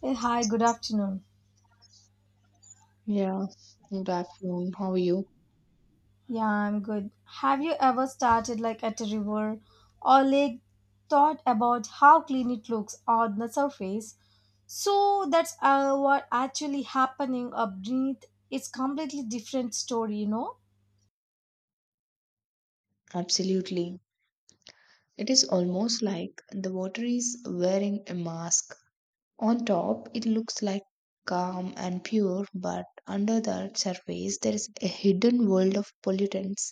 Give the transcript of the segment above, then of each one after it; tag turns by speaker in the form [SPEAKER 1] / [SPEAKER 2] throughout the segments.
[SPEAKER 1] Hey, hi, good afternoon.
[SPEAKER 2] Yeah, good afternoon. How are you?
[SPEAKER 1] Yeah, I'm good. Have you ever started like at a river or lake, thought about how clean it looks on the surface? So that's what actually happening up beneath. It's completely different story, you know.
[SPEAKER 2] Absolutely. It is almost like the water is wearing a mask. On top, it looks like calm and pure, but under the surface, there is a hidden world of pollutants,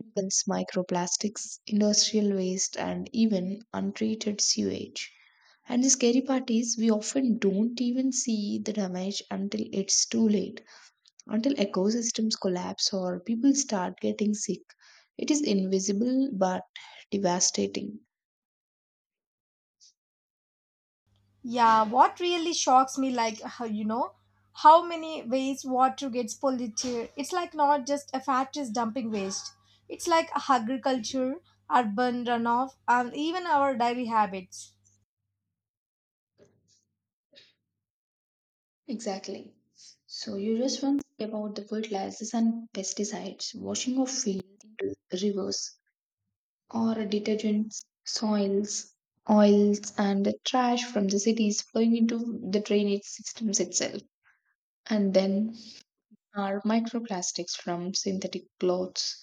[SPEAKER 2] chemicals, microplastics, industrial waste, and even untreated sewage. And the scary part is, we often don't even see the damage until it's too late, until ecosystems collapse or people start getting sick. It is invisible but devastating.
[SPEAKER 1] Yeah, what really shocks me, like how you know, how many ways water gets polluted. It's like not just a factories dumping waste. It's like agriculture, urban runoff, and even our daily habits.
[SPEAKER 2] Exactly. So you just once about the fertilizers and pesticides, washing of fields into rivers, or detergents, soils, oils, and the trash from the cities flowing into the drainage systems itself. And then are microplastics from synthetic clothes,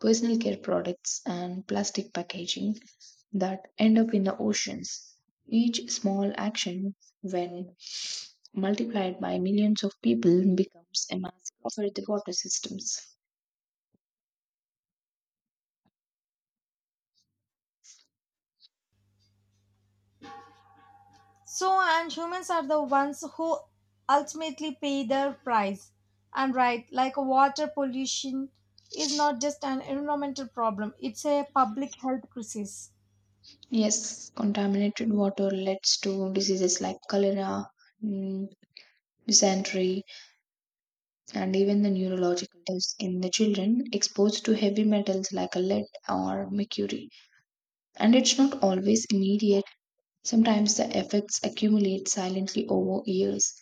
[SPEAKER 2] personal care products, and plastic packaging that end up in the oceans. Each small action, when multiplied by millions of people, becomes a massive for the water systems.
[SPEAKER 1] So, and humans are the ones who ultimately pay the price. And right, like water pollution is not just an environmental problem, it's a public health crisis.
[SPEAKER 2] Yes, contaminated water leads to diseases like cholera, mm, dysentery, and even the neurological tests in the children exposed to heavy metals like lead or mercury. And it's not always immediate. Sometimes the effects accumulate silently over years.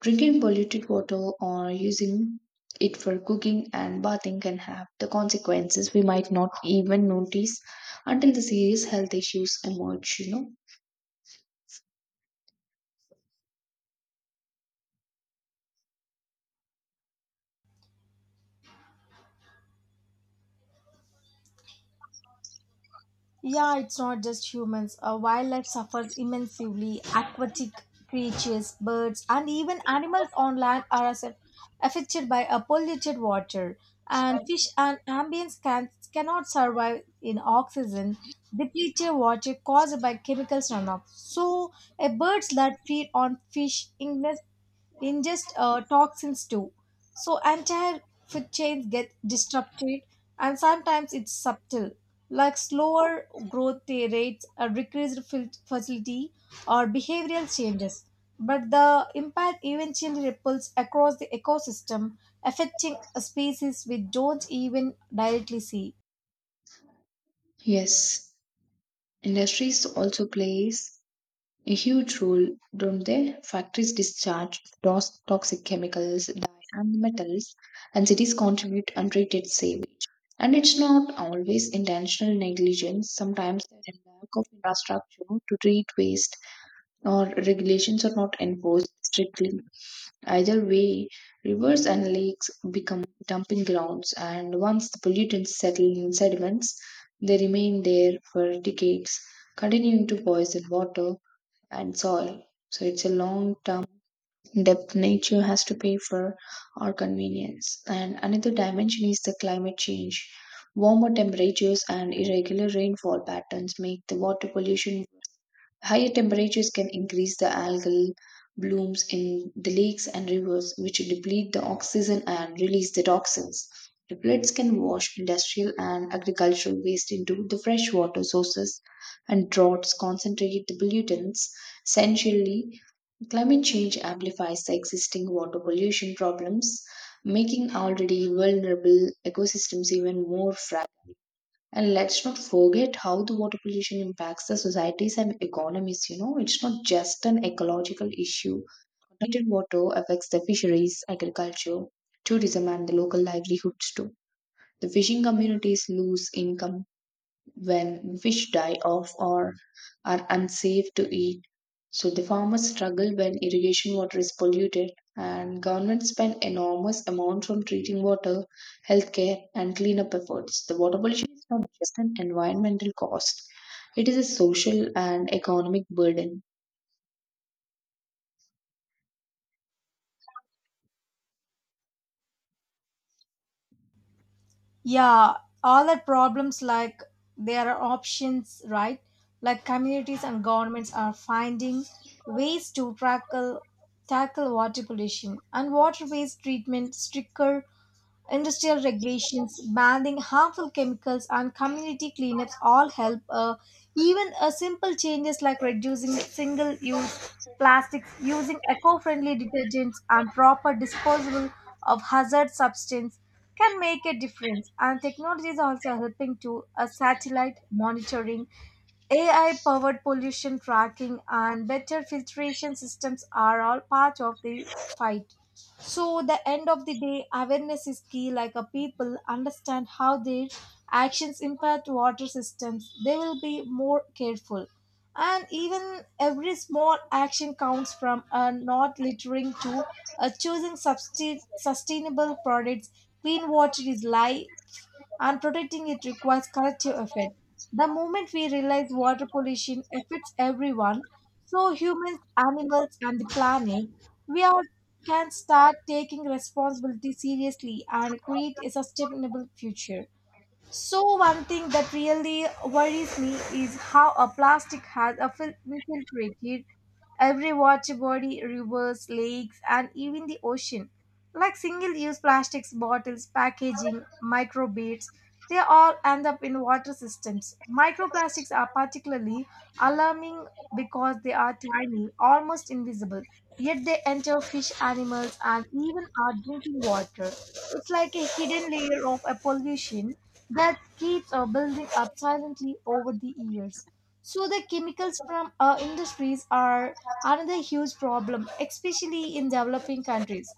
[SPEAKER 2] Drinking polluted water or using it for cooking and bathing can have the consequences we might not even notice until the serious health issues emerge, you know.
[SPEAKER 1] Yeah, it's not just humans. Wildlife suffers immensely. Aquatic creatures, birds, and even animals on land are affected by a polluted water. And fish and amphibians cannot survive in oxygen depleted water caused by chemicals runoff. So, a bird's blood feed on fish illness ingest toxins too. So entire food chains get disrupted, and sometimes it's subtle, like slower growth rates, a fertility, or behavioral changes. But the impact eventually ripples across the ecosystem, affecting species we don't even directly see.
[SPEAKER 2] Yes, industries also plays a huge role, don't they? Factories discharge toxic chemicals, dye, and metals, and cities contribute untreated sewage, and it's not always intentional negligence. Sometimes there's a lack of infrastructure to treat waste, or regulations are not enforced strictly. Either way, rivers and lakes become dumping grounds, and once the pollutants settle in sediments, they remain there for decades, continuing to poison water and soil. So it's a long term depth nature has to pay for our convenience. And another dimension is the climate change. Warmer temperatures and irregular rainfall patterns make the water pollution. Higher temperatures can increase the algal blooms in the lakes and rivers, which deplete the oxygen and release the toxins. The floods can wash industrial and agricultural waste into the freshwater sources, and droughts concentrate the pollutants. Essentially, climate change amplifies the existing water pollution problems, making already vulnerable ecosystems even more fragile. And let's not forget how the water pollution impacts the societies and economies. You know, it's not just an ecological issue. Contaminated water affects the fisheries, agriculture, tourism, and the local livelihoods too. The fishing communities lose income when fish die off or are unsafe to eat. So the farmers struggle when irrigation water is polluted, and governments spend enormous amounts on treating water, healthcare and cleanup efforts. The water pollution is not just an environmental cost. It is a social and economic burden.
[SPEAKER 1] Yeah, all that problems like there are options, right? Like communities and governments are finding ways to tackle water pollution and water waste treatment stricter Industrial regulations, banning harmful chemicals, and community cleanups all help. Even simple changes like reducing single use plastics, using eco friendly detergents, and proper disposal of hazard substance can make a difference. And technology is also helping to satellite monitoring, AI powered pollution tracking and better filtration systems are all part of the fight. So the end of the day, awareness is key. Like a people understand how their actions impact water systems, they will be more careful. And even every small action counts from not littering to choosing sustainable products. Clean water is life and protecting it requires collective effort. The moment we realize water pollution affects everyone, so humans, animals, and the planet, we all can start taking responsibility seriously and create a sustainable future. So one thing that really worries me is how a plastic has infiltrated every water body, rivers, lakes, and even the ocean. Like single-use plastics, bottles, packaging, microbeads, they all end up in water systems. Microplastics are particularly alarming because they are tiny, almost invisible, yet they enter fish, animals, and even our drinking water. It's like a hidden layer of a pollution that keeps building up silently over the years. So the chemicals from industries are another huge problem, especially in developing countries.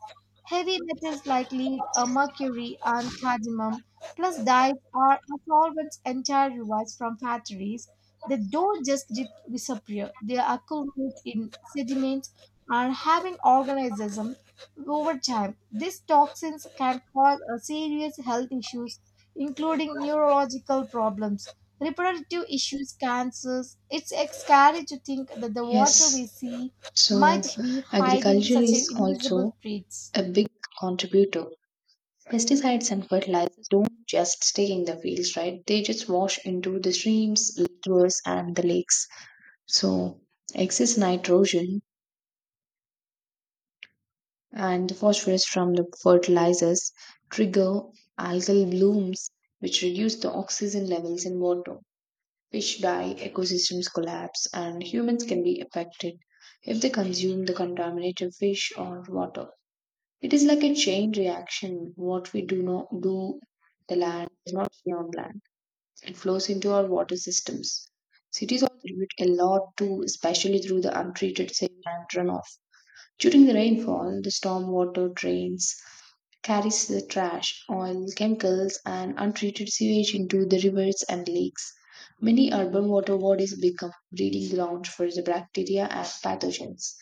[SPEAKER 1] Heavy metals like lead, mercury, and cadmium, plus dyes, are a solvent's entire revised from factories. They don't just disappear, they accumulate in sediments and having organisms over time. These toxins can cause serious health issues, including neurological problems, reproductive issues, cancers. It's scary to think that the water we
[SPEAKER 2] Yes,
[SPEAKER 1] see
[SPEAKER 2] so
[SPEAKER 1] might be hiding
[SPEAKER 2] agriculture
[SPEAKER 1] such
[SPEAKER 2] is
[SPEAKER 1] a invisible
[SPEAKER 2] also
[SPEAKER 1] threats.
[SPEAKER 2] a big contributor. Pesticides and fertilizers don't just stay in the fields, right? They just wash into the streams, rivers, and the lakes. So, excess nitrogen and phosphorus from the fertilizers trigger algal blooms, which reduce the oxygen levels in water. Fish die, ecosystems collapse, and humans can be affected if they consume the contaminated fish or water. It is like a chain reaction. What we do not do, the land does not see on land. It flows into our water systems. Cities also contribute a lot too, especially through the untreated sewage and runoff. During the rainfall, the stormwater drains carries the trash, oil, chemicals, and untreated sewage into the rivers and lakes. Many urban water bodies become breeding grounds for the bacteria and pathogens,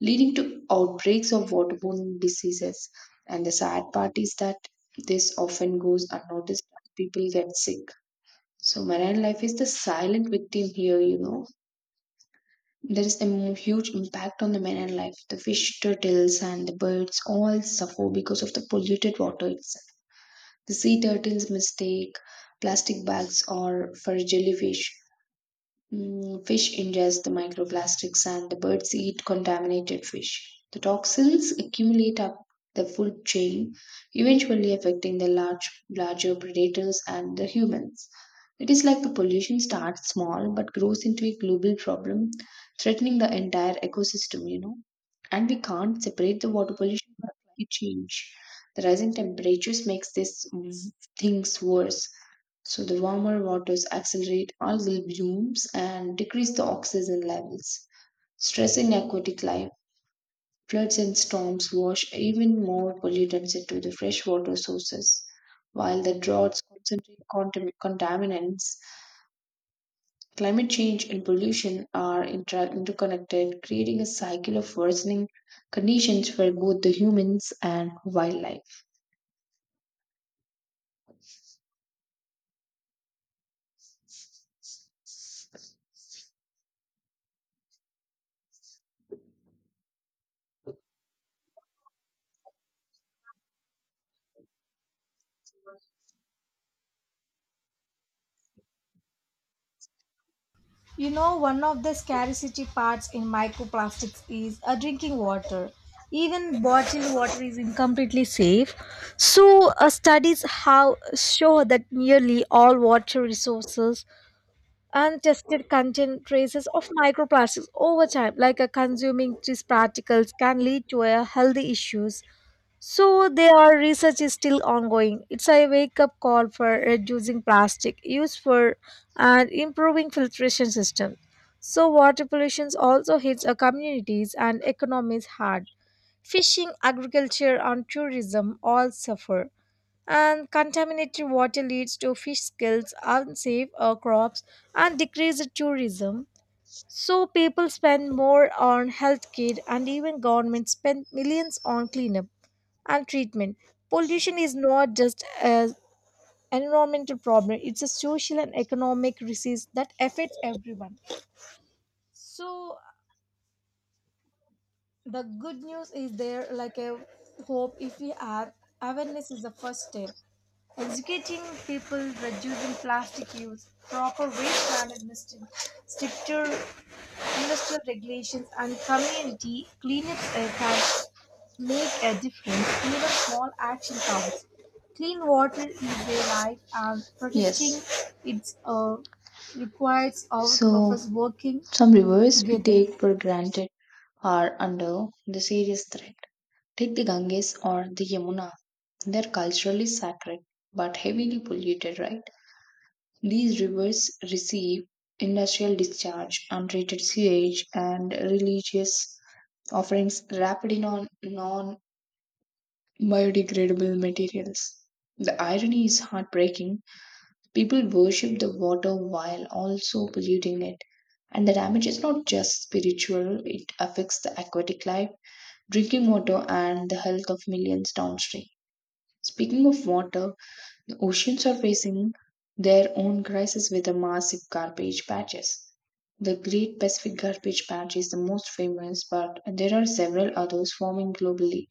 [SPEAKER 2] leading to outbreaks of waterborne diseases. And the sad part is that this often goes unnoticed, and people get sick, so marine life is the silent victim here, you know. There is a huge impact on the marine life. The fish, turtles, and the birds all suffer because of the polluted water itself. The sea turtles mistake plastic bags or for jellyfish. Fish ingest the microplastics and the birds eat contaminated fish. The toxins accumulate up the food chain, eventually affecting the larger predators and the humans. It is like the pollution starts small but grows into a global problem, threatening the entire ecosystem, you know. And we can't separate the water pollution from climate change. The rising temperatures makes these things worse, so the warmer waters accelerate algal blooms and decrease the oxygen levels, stressing aquatic life. Floods and storms wash even more pollutants into the freshwater sources, while the droughts concentrate contaminants. Climate change and pollution are interconnected, creating a cycle of worsening conditions for both the humans and wildlife.
[SPEAKER 1] You know, one of the scarcity parts in microplastics is drinking water. Even bottled water is incompletely safe. So, studies have show that nearly all water resources untested contain traces of microplastics over time, like consuming these particles can lead to health issues so their research is still ongoing. It's a wake up call for reducing plastic use for and improving filtration system. So water pollution also hits our communities and economies hard. Fishing, agriculture and tourism all suffer. And contaminated water leads to fish kills, unsafe crops and decreased tourism. So people spend more on health care and even governments spend millions on cleanup and treatment. Pollution is not just an environmental problem, it's a social and economic disease that affects everyone. So, the good news is there like a hope if we have awareness is the first step. Educating people, reducing plastic use, proper waste management, stricter Industrial regulations and community cleanups can make a difference. Even small action counts. Clean water is their life and protecting
[SPEAKER 2] Yes.
[SPEAKER 1] it requires all of
[SPEAKER 2] So,
[SPEAKER 1] us working
[SPEAKER 2] some rivers we
[SPEAKER 1] together.
[SPEAKER 2] take for granted are under the serious threat. Take the Ganges or the Yamuna. They are culturally sacred but heavily polluted, right? These rivers receive industrial discharge, untreated sewage, and religious offerings wrapped in on non biodegradable materials. The irony is heartbreaking. People worship the water while also polluting it. And the damage is not just spiritual, it affects the aquatic life, drinking water, and the health of millions downstream. Speaking of water, the oceans are facing their own crisis with the massive garbage patches. The Great Pacific Garbage Patch is the most famous, but there are several others forming globally.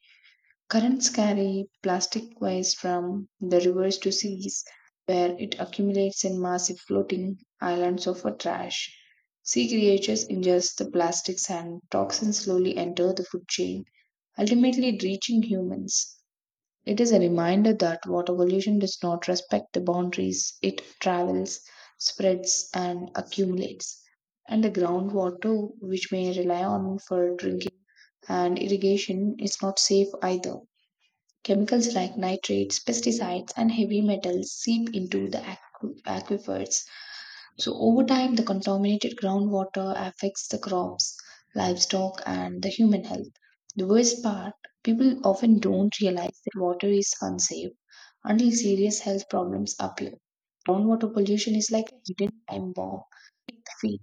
[SPEAKER 2] Currents carry plastic waste from the rivers to seas, where it accumulates in massive floating islands of trash. Sea creatures ingest the plastics, and toxins slowly enter the food chain, ultimately reaching humans. It is a reminder that water pollution does not respect the boundaries, it travels, spreads, and accumulates. And the groundwater, which may rely on for drinking and irrigation, is not safe either. Chemicals like nitrates, pesticides, and heavy metals seep into the aquifers. So, over time, the contaminated groundwater affects the crops, livestock, and the human health. The worst part, people often don't realize that water is unsafe until serious health problems appear. Groundwater pollution is like a hidden time bomb at the feet.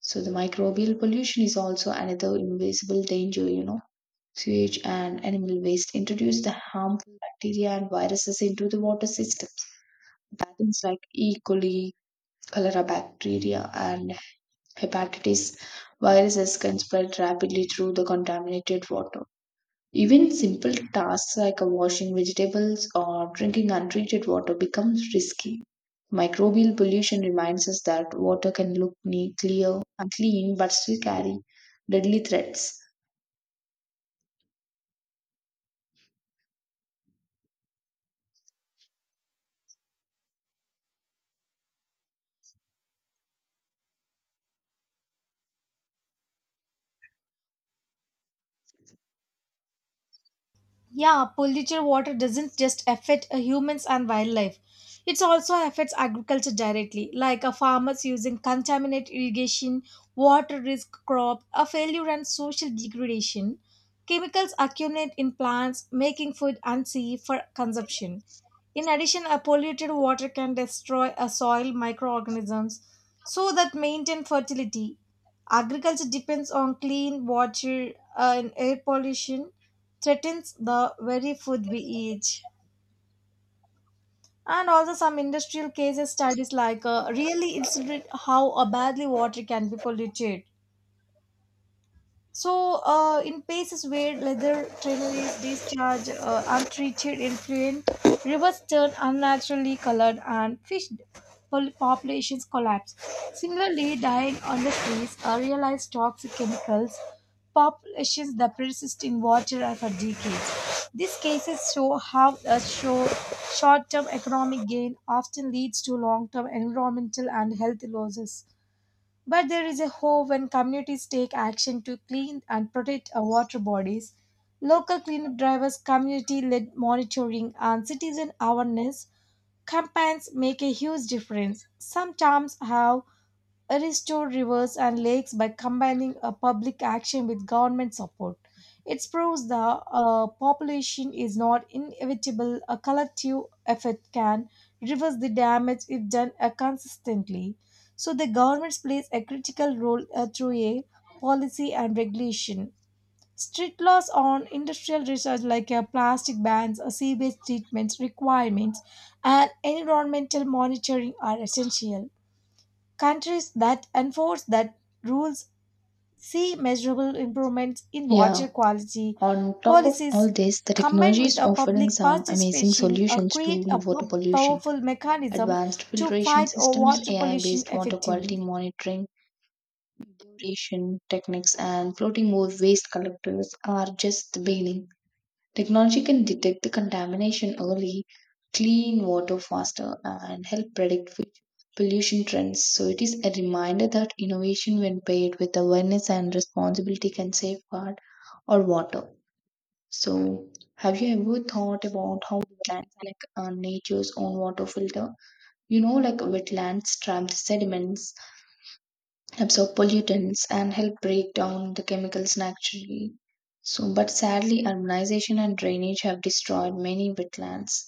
[SPEAKER 2] So, the microbial pollution is also another invisible danger, you know, sewage, and animal waste introduce the harmful bacteria and viruses into the water systems. Pathogens like E. coli, cholera bacteria, and hepatitis viruses can spread rapidly through the contaminated water. Even simple tasks like washing vegetables or drinking untreated water becomes risky. Microbial pollution reminds us that water can look neat, clear, and clean, but still carry deadly threats.
[SPEAKER 1] Yeah, polluted water doesn't just affect humans and wildlife. It also affects agriculture directly, like farmers using contaminated irrigation, water risk crop, a failure and social degradation. Chemicals accumulate in plants, making food unsafe for consumption. In addition, a polluted water can destroy a soil microorganisms so that maintain fertility. Agriculture depends on clean water and air pollution threatens the very food we eat. And also some industrial cases studies like really illustrate how badly water can be polluted. So, in places where leather trailers discharge untreated influent, rivers turn unnaturally colored and fish populations collapse. Similarly, dying on the trees are realized toxic chemicals, populations that persist in water and for decades. These cases show how a show short-term economic gain often leads to long-term environmental and health losses. But there is a hope when communities take action to clean and protect our water bodies. Local cleanup drivers, community led monitoring, and citizen awareness campaigns make a huge difference. Some towns have restore rivers and lakes by combining a public action with government support. It proves the population is not inevitable. A collective effort can reverse the damage if done consistently. So the government plays a critical role through a policy and regulation. Strict laws on industrial research like plastic bans, sewage treatment requirements, and environmental monitoring are essential. Countries that enforce that rules see measurable improvements in
[SPEAKER 2] Yeah,
[SPEAKER 1] water quality,
[SPEAKER 2] on top of all
[SPEAKER 1] policies
[SPEAKER 2] this, the
[SPEAKER 1] combined
[SPEAKER 2] technology
[SPEAKER 1] with
[SPEAKER 2] is
[SPEAKER 1] a
[SPEAKER 2] offering
[SPEAKER 1] public
[SPEAKER 2] some amazing
[SPEAKER 1] participation
[SPEAKER 2] solutions to
[SPEAKER 1] create a
[SPEAKER 2] water pollution.
[SPEAKER 1] powerful mechanism
[SPEAKER 2] Advanced
[SPEAKER 1] to
[SPEAKER 2] filtration
[SPEAKER 1] fight
[SPEAKER 2] systems,
[SPEAKER 1] water
[SPEAKER 2] AI
[SPEAKER 1] pollution
[SPEAKER 2] based water quality
[SPEAKER 1] effectively.
[SPEAKER 2] monitoring, depuration techniques, and floating waste collectors are just the beginning. Technology can detect the contamination early, clean water faster, and help predict future pollution trends. So, it is a reminder that innovation, when paired with awareness and responsibility, can safeguard our water. So, have you ever thought about how wetlands are like nature's own water filter? You know, like wetlands trap the sediments, absorb pollutants, and help break down the chemicals naturally. So, but sadly, urbanization and drainage have destroyed many wetlands.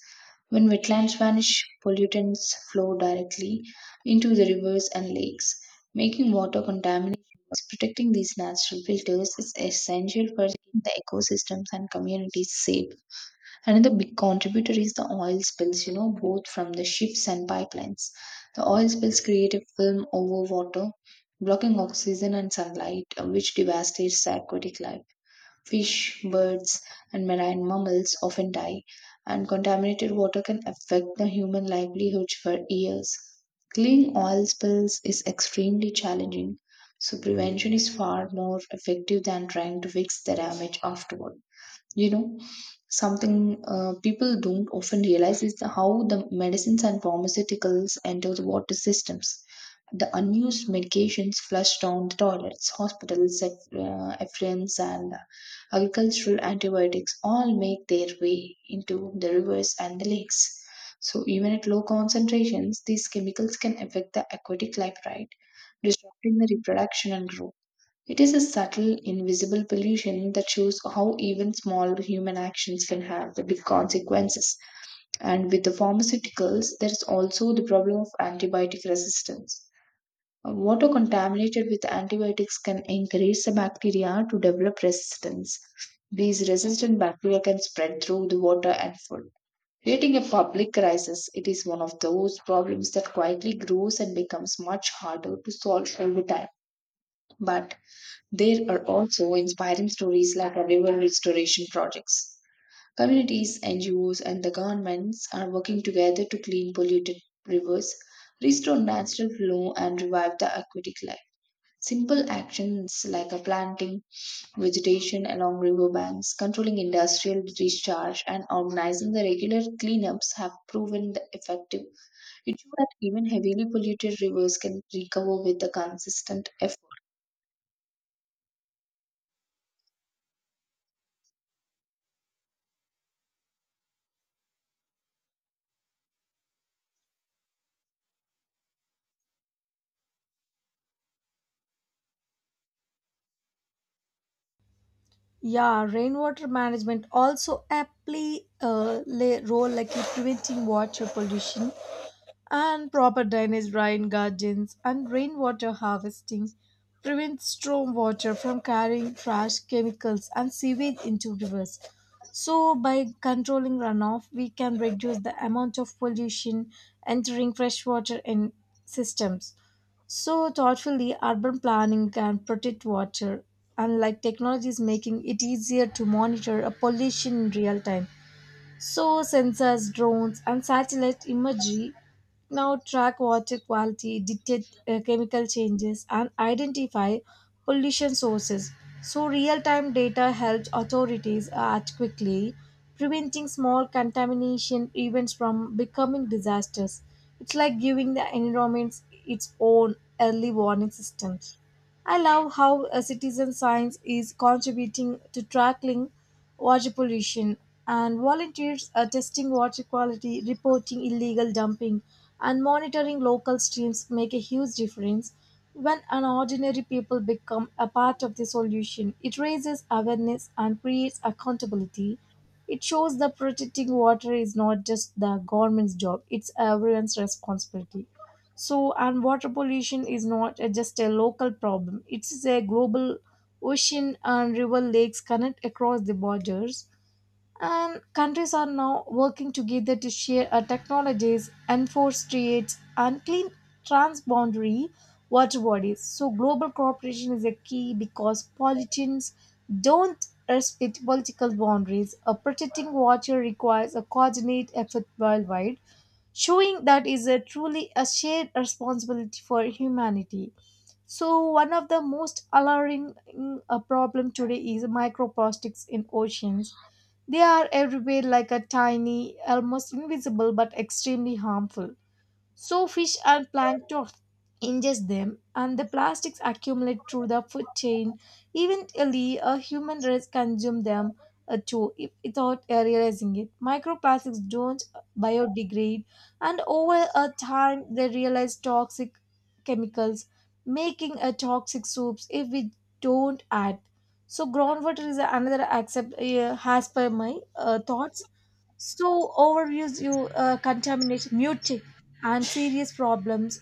[SPEAKER 2] When wetlands vanish, pollutants flow directly into the rivers and lakes, making water contaminated. Protecting these natural filters is essential for keeping the ecosystems and communities safe. Another big contributor is the oil spills, you know, both from the ships and pipelines. The oil spills create a film over water, blocking oxygen and sunlight, which devastates the aquatic life. Fish, birds, and marine mammals often die, and contaminated water can affect the human livelihoods for years. Cleaning oil spills is extremely challenging, so prevention is far more effective than trying to fix the damage afterward, you know. Something people don't often realize is how the medicines and pharmaceuticals enter the water systems. The unused medications flush down the toilets, hospitals effluents, and agricultural antibiotics all make their way into the rivers and the lakes. So even at low concentrations, these chemicals can affect the aquatic life, right, disrupting the reproduction and growth. It is a subtle, invisible pollution that shows how even small human actions can have the big consequences. And with the pharmaceuticals, there is also the problem of antibiotic resistance. Water contaminated with antibiotics can encourage the bacteria to develop resistance. These resistant bacteria can spread through the water and food, creating a public crisis. It is one of those problems that quietly grows and becomes much harder to solve over time. But there are also inspiring stories like our river restoration projects. Communities, NGOs, and the governments are working together to clean polluted rivers, restore natural flow, and revive the aquatic life. Simple actions like a planting vegetation along riverbanks, controlling industrial discharge, and organizing the regular cleanups have proven the effective. It shows that even heavily polluted rivers can recover with the consistent effort.
[SPEAKER 1] Yeah, rainwater management also aptly play a role like in preventing water pollution and proper drainage, rain gardens, and rainwater harvesting prevent stormwater from carrying trash, chemicals, and sewage into rivers. So, by controlling runoff, we can reduce the amount of pollution entering freshwater in systems. So, thoughtfully, urban planning can protect water, unlike technologies making it easier to monitor a pollution in real time. So, sensors, drones, and satellite imagery now track water quality, detect chemical changes, and identify pollution sources. So, real time data helps authorities act quickly, preventing small contamination events from becoming disasters. It's like giving the environment its own early warning systems. I love how citizen science is contributing to tackling water pollution and volunteers are testing water quality, reporting illegal dumping, and monitoring local streams make a huge difference. When an ordinary people become a part of the solution, it raises awareness and creates accountability. It shows that protecting water is not just the government's job, it's everyone's responsibility. So, and water pollution is not just a local problem, it is a global ocean and river lakes connect across the borders. And countries are now working together to share technologies, enforce trades, and clean transboundary water bodies. So, global cooperation is a key because politicians don't respect political boundaries. Protecting water requires a coordinated effort worldwide showing that is a truly a shared responsibility for humanity. So one of the most alarming problem today is microplastics in oceans. They are everywhere like a tiny, almost invisible but extremely harmful. So fish and plankton ingest them, and the plastics accumulate through the food chain. Eventually, a human race consume them too, without realizing it. Microplastics don't biodegrade, and over a time, they realize toxic chemicals, making a toxic soups if we don't act. So groundwater is another accept has per my thoughts. So overuse you contamination, mute and serious problems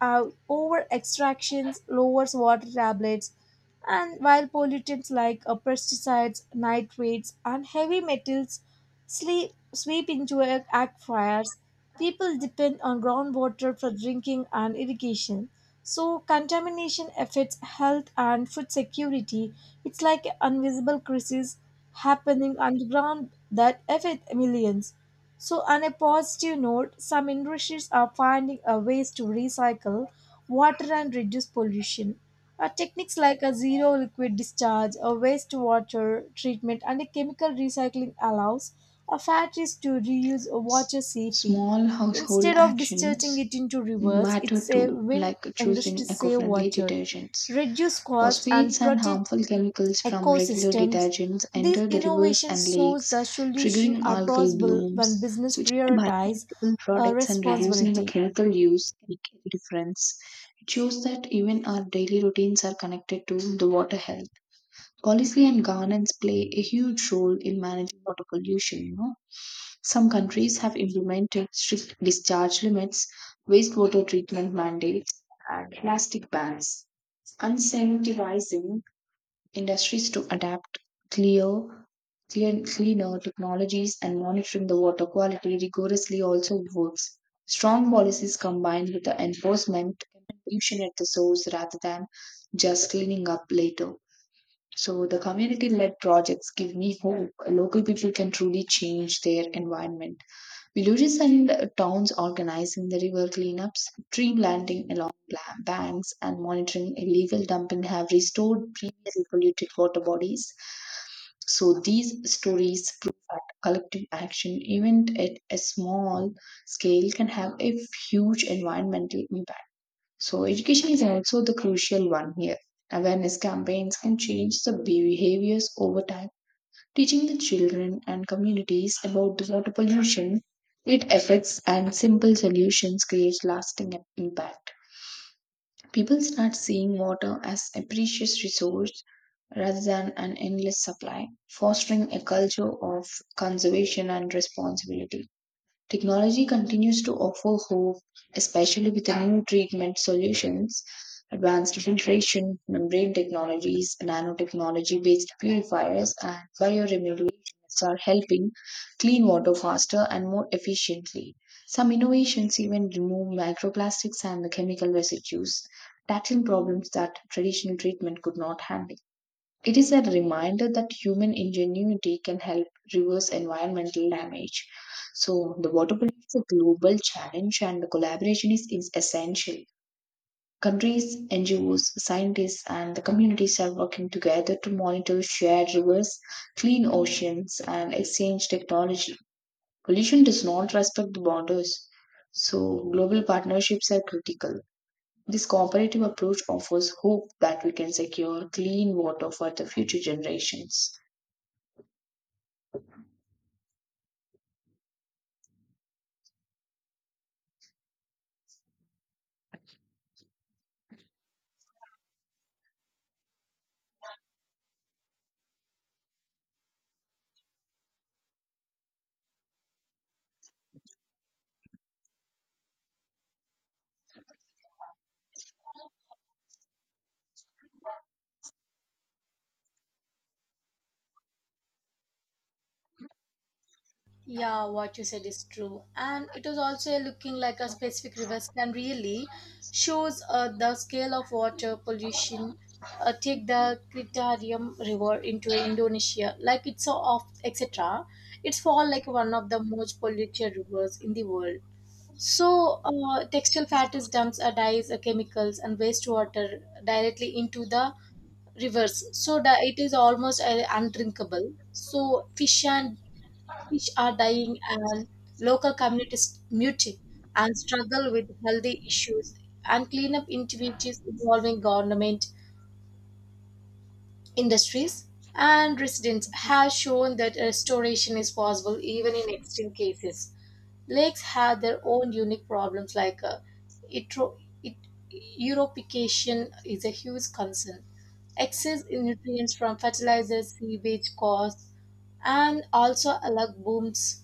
[SPEAKER 1] over extractions lowers water tablets and while pollutants like pesticides nitrates and heavy metals sweep into aquifers, people depend on groundwater for drinking and irrigation so contamination affects health and food security. It's like an invisible crisis happening underground that affects millions. So, on a positive note, some industries are finding a ways to recycle water and reduce pollution. Techniques like a zero liquid discharge, a wastewater treatment, and a chemical recycling allows factories to reuse
[SPEAKER 2] S-
[SPEAKER 1] water safely.
[SPEAKER 2] Small household
[SPEAKER 1] Instead of discharging
[SPEAKER 2] actions
[SPEAKER 1] it into rivers,
[SPEAKER 2] matter
[SPEAKER 1] it's
[SPEAKER 2] too,
[SPEAKER 1] a win
[SPEAKER 2] like
[SPEAKER 1] industry
[SPEAKER 2] choosing eco
[SPEAKER 1] save
[SPEAKER 2] friendly
[SPEAKER 1] water,
[SPEAKER 2] detergents.
[SPEAKER 1] reduce cost, and
[SPEAKER 2] Phosphates and
[SPEAKER 1] protect
[SPEAKER 2] harmful chemicals from regular
[SPEAKER 1] ecosystems.
[SPEAKER 2] detergents
[SPEAKER 1] These
[SPEAKER 2] enter the rivers and
[SPEAKER 1] innovations shows
[SPEAKER 2] lakes,
[SPEAKER 1] the solution
[SPEAKER 2] triggering
[SPEAKER 1] are
[SPEAKER 2] algal
[SPEAKER 1] possible
[SPEAKER 2] blooms.
[SPEAKER 1] when business
[SPEAKER 2] Switching to
[SPEAKER 1] prioritize
[SPEAKER 2] biodegradable products and reducing the
[SPEAKER 1] responsibility.
[SPEAKER 2] chemical use can make a difference. It shows that even our daily routines are connected to the water health. Policy and governance play a huge role in managing water pollution, you know. Some countries have implemented strict discharge limits, wastewater treatment mandates, and plastic bans, incentivizing industries to adapt clear clean, cleaner technologies, and monitoring the water quality rigorously also works. Strong policies combined with the enforcement can reduce pollution at the source rather than just cleaning up later. So the community led projects give me hope. Local people can truly change their environment. Villages and towns organizing the river cleanups, tree planting along banks, and monitoring illegal dumping have restored previously polluted water bodies. So these stories prove that collective action, even at a small scale, can have a huge environmental impact. So, education is also the crucial one here. Awareness campaigns can change the behaviors over time, teaching the children and communities about the water pollution, its effects, and simple solutions creates lasting impact. People start seeing water as a precious resource rather than an endless supply, fostering a culture of conservation and responsibility. Technology continues to offer hope, especially with the new treatment solutions. Advanced filtration, membrane technologies, nanotechnology based purifiers, and bioremediation are helping clean water faster and more efficiently. Some innovations even remove microplastics and the chemical residues, tackling problems that traditional treatment could not handle. It is a reminder that human ingenuity can help reverse environmental damage. So, the water pollution is a global challenge, and the collaboration is essential. Countries, NGOs, scientists, and the communities are working together to monitor shared rivers, clean oceans, and exchange technology. Pollution does not respect the borders, so global partnerships are critical. This cooperative approach offers hope that we can secure clean water for the future generations.
[SPEAKER 1] Yeah, what you said is true. And it was also looking like a specific rivers can really shows the scale of water pollution. Take the Kritarium River into Indonesia, like it's so off, etc. It's fall like one of the most polluted rivers in the world. So, textile fats dumps dyes, chemicals, and wastewater directly into the rivers. So, it is almost undrinkable. So, fish are dying, and local communities muting and struggle with healthy issues and cleanup activities involving government industries and residents have shown that restoration is possible even in extreme cases. Lakes have their own unique problems like eutro- eut- eutrophication is a huge concern. Excess in nutrients from fertilizers, sewage costs, and also algal blooms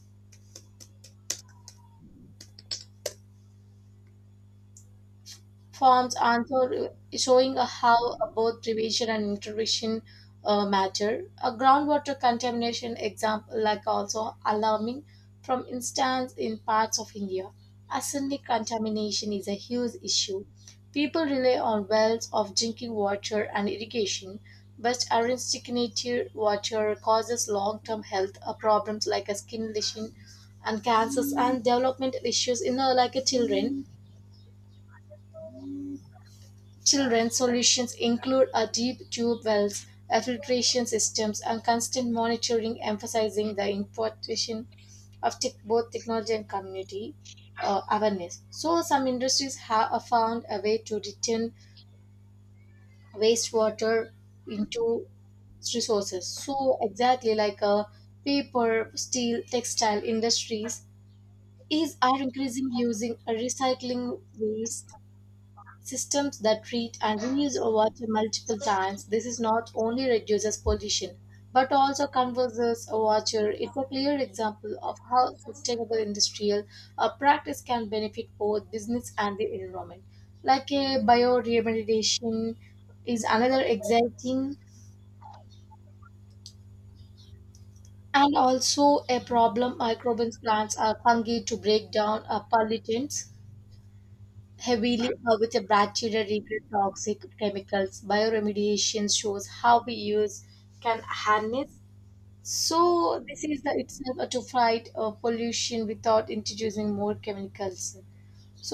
[SPEAKER 1] forms answer showing how both prevention and intervention matter. A groundwater contamination example like also alarming from instance in parts of India. Arsenic contamination is a huge issue. People rely on wells of drinking water and irrigation, but arsenicated water causes long-term health problems like a skin lesion and cancers and developmental issues in like a children. Children's solutions include a deep tube wells, a filtration systems, and constant monitoring, emphasizing the importance of tech, both technology and community awareness. So, some industries have found a way to return wastewater into resources. So, exactly like paper, steel, textile industries is are increasing using recycling waste Systems that treat and reuse water multiple times, this is not only reduces pollution but also conserves water. It's a clear example of how sustainable industrial practice can benefit both business and the environment. Like a bioremediation is another exciting and also a problem microbes plants are fungi to break down pollutants heavily with a bacteria regret toxic chemicals. Bioremediation shows how we use can harness. So this is the itself to fight pollution without introducing more chemicals. So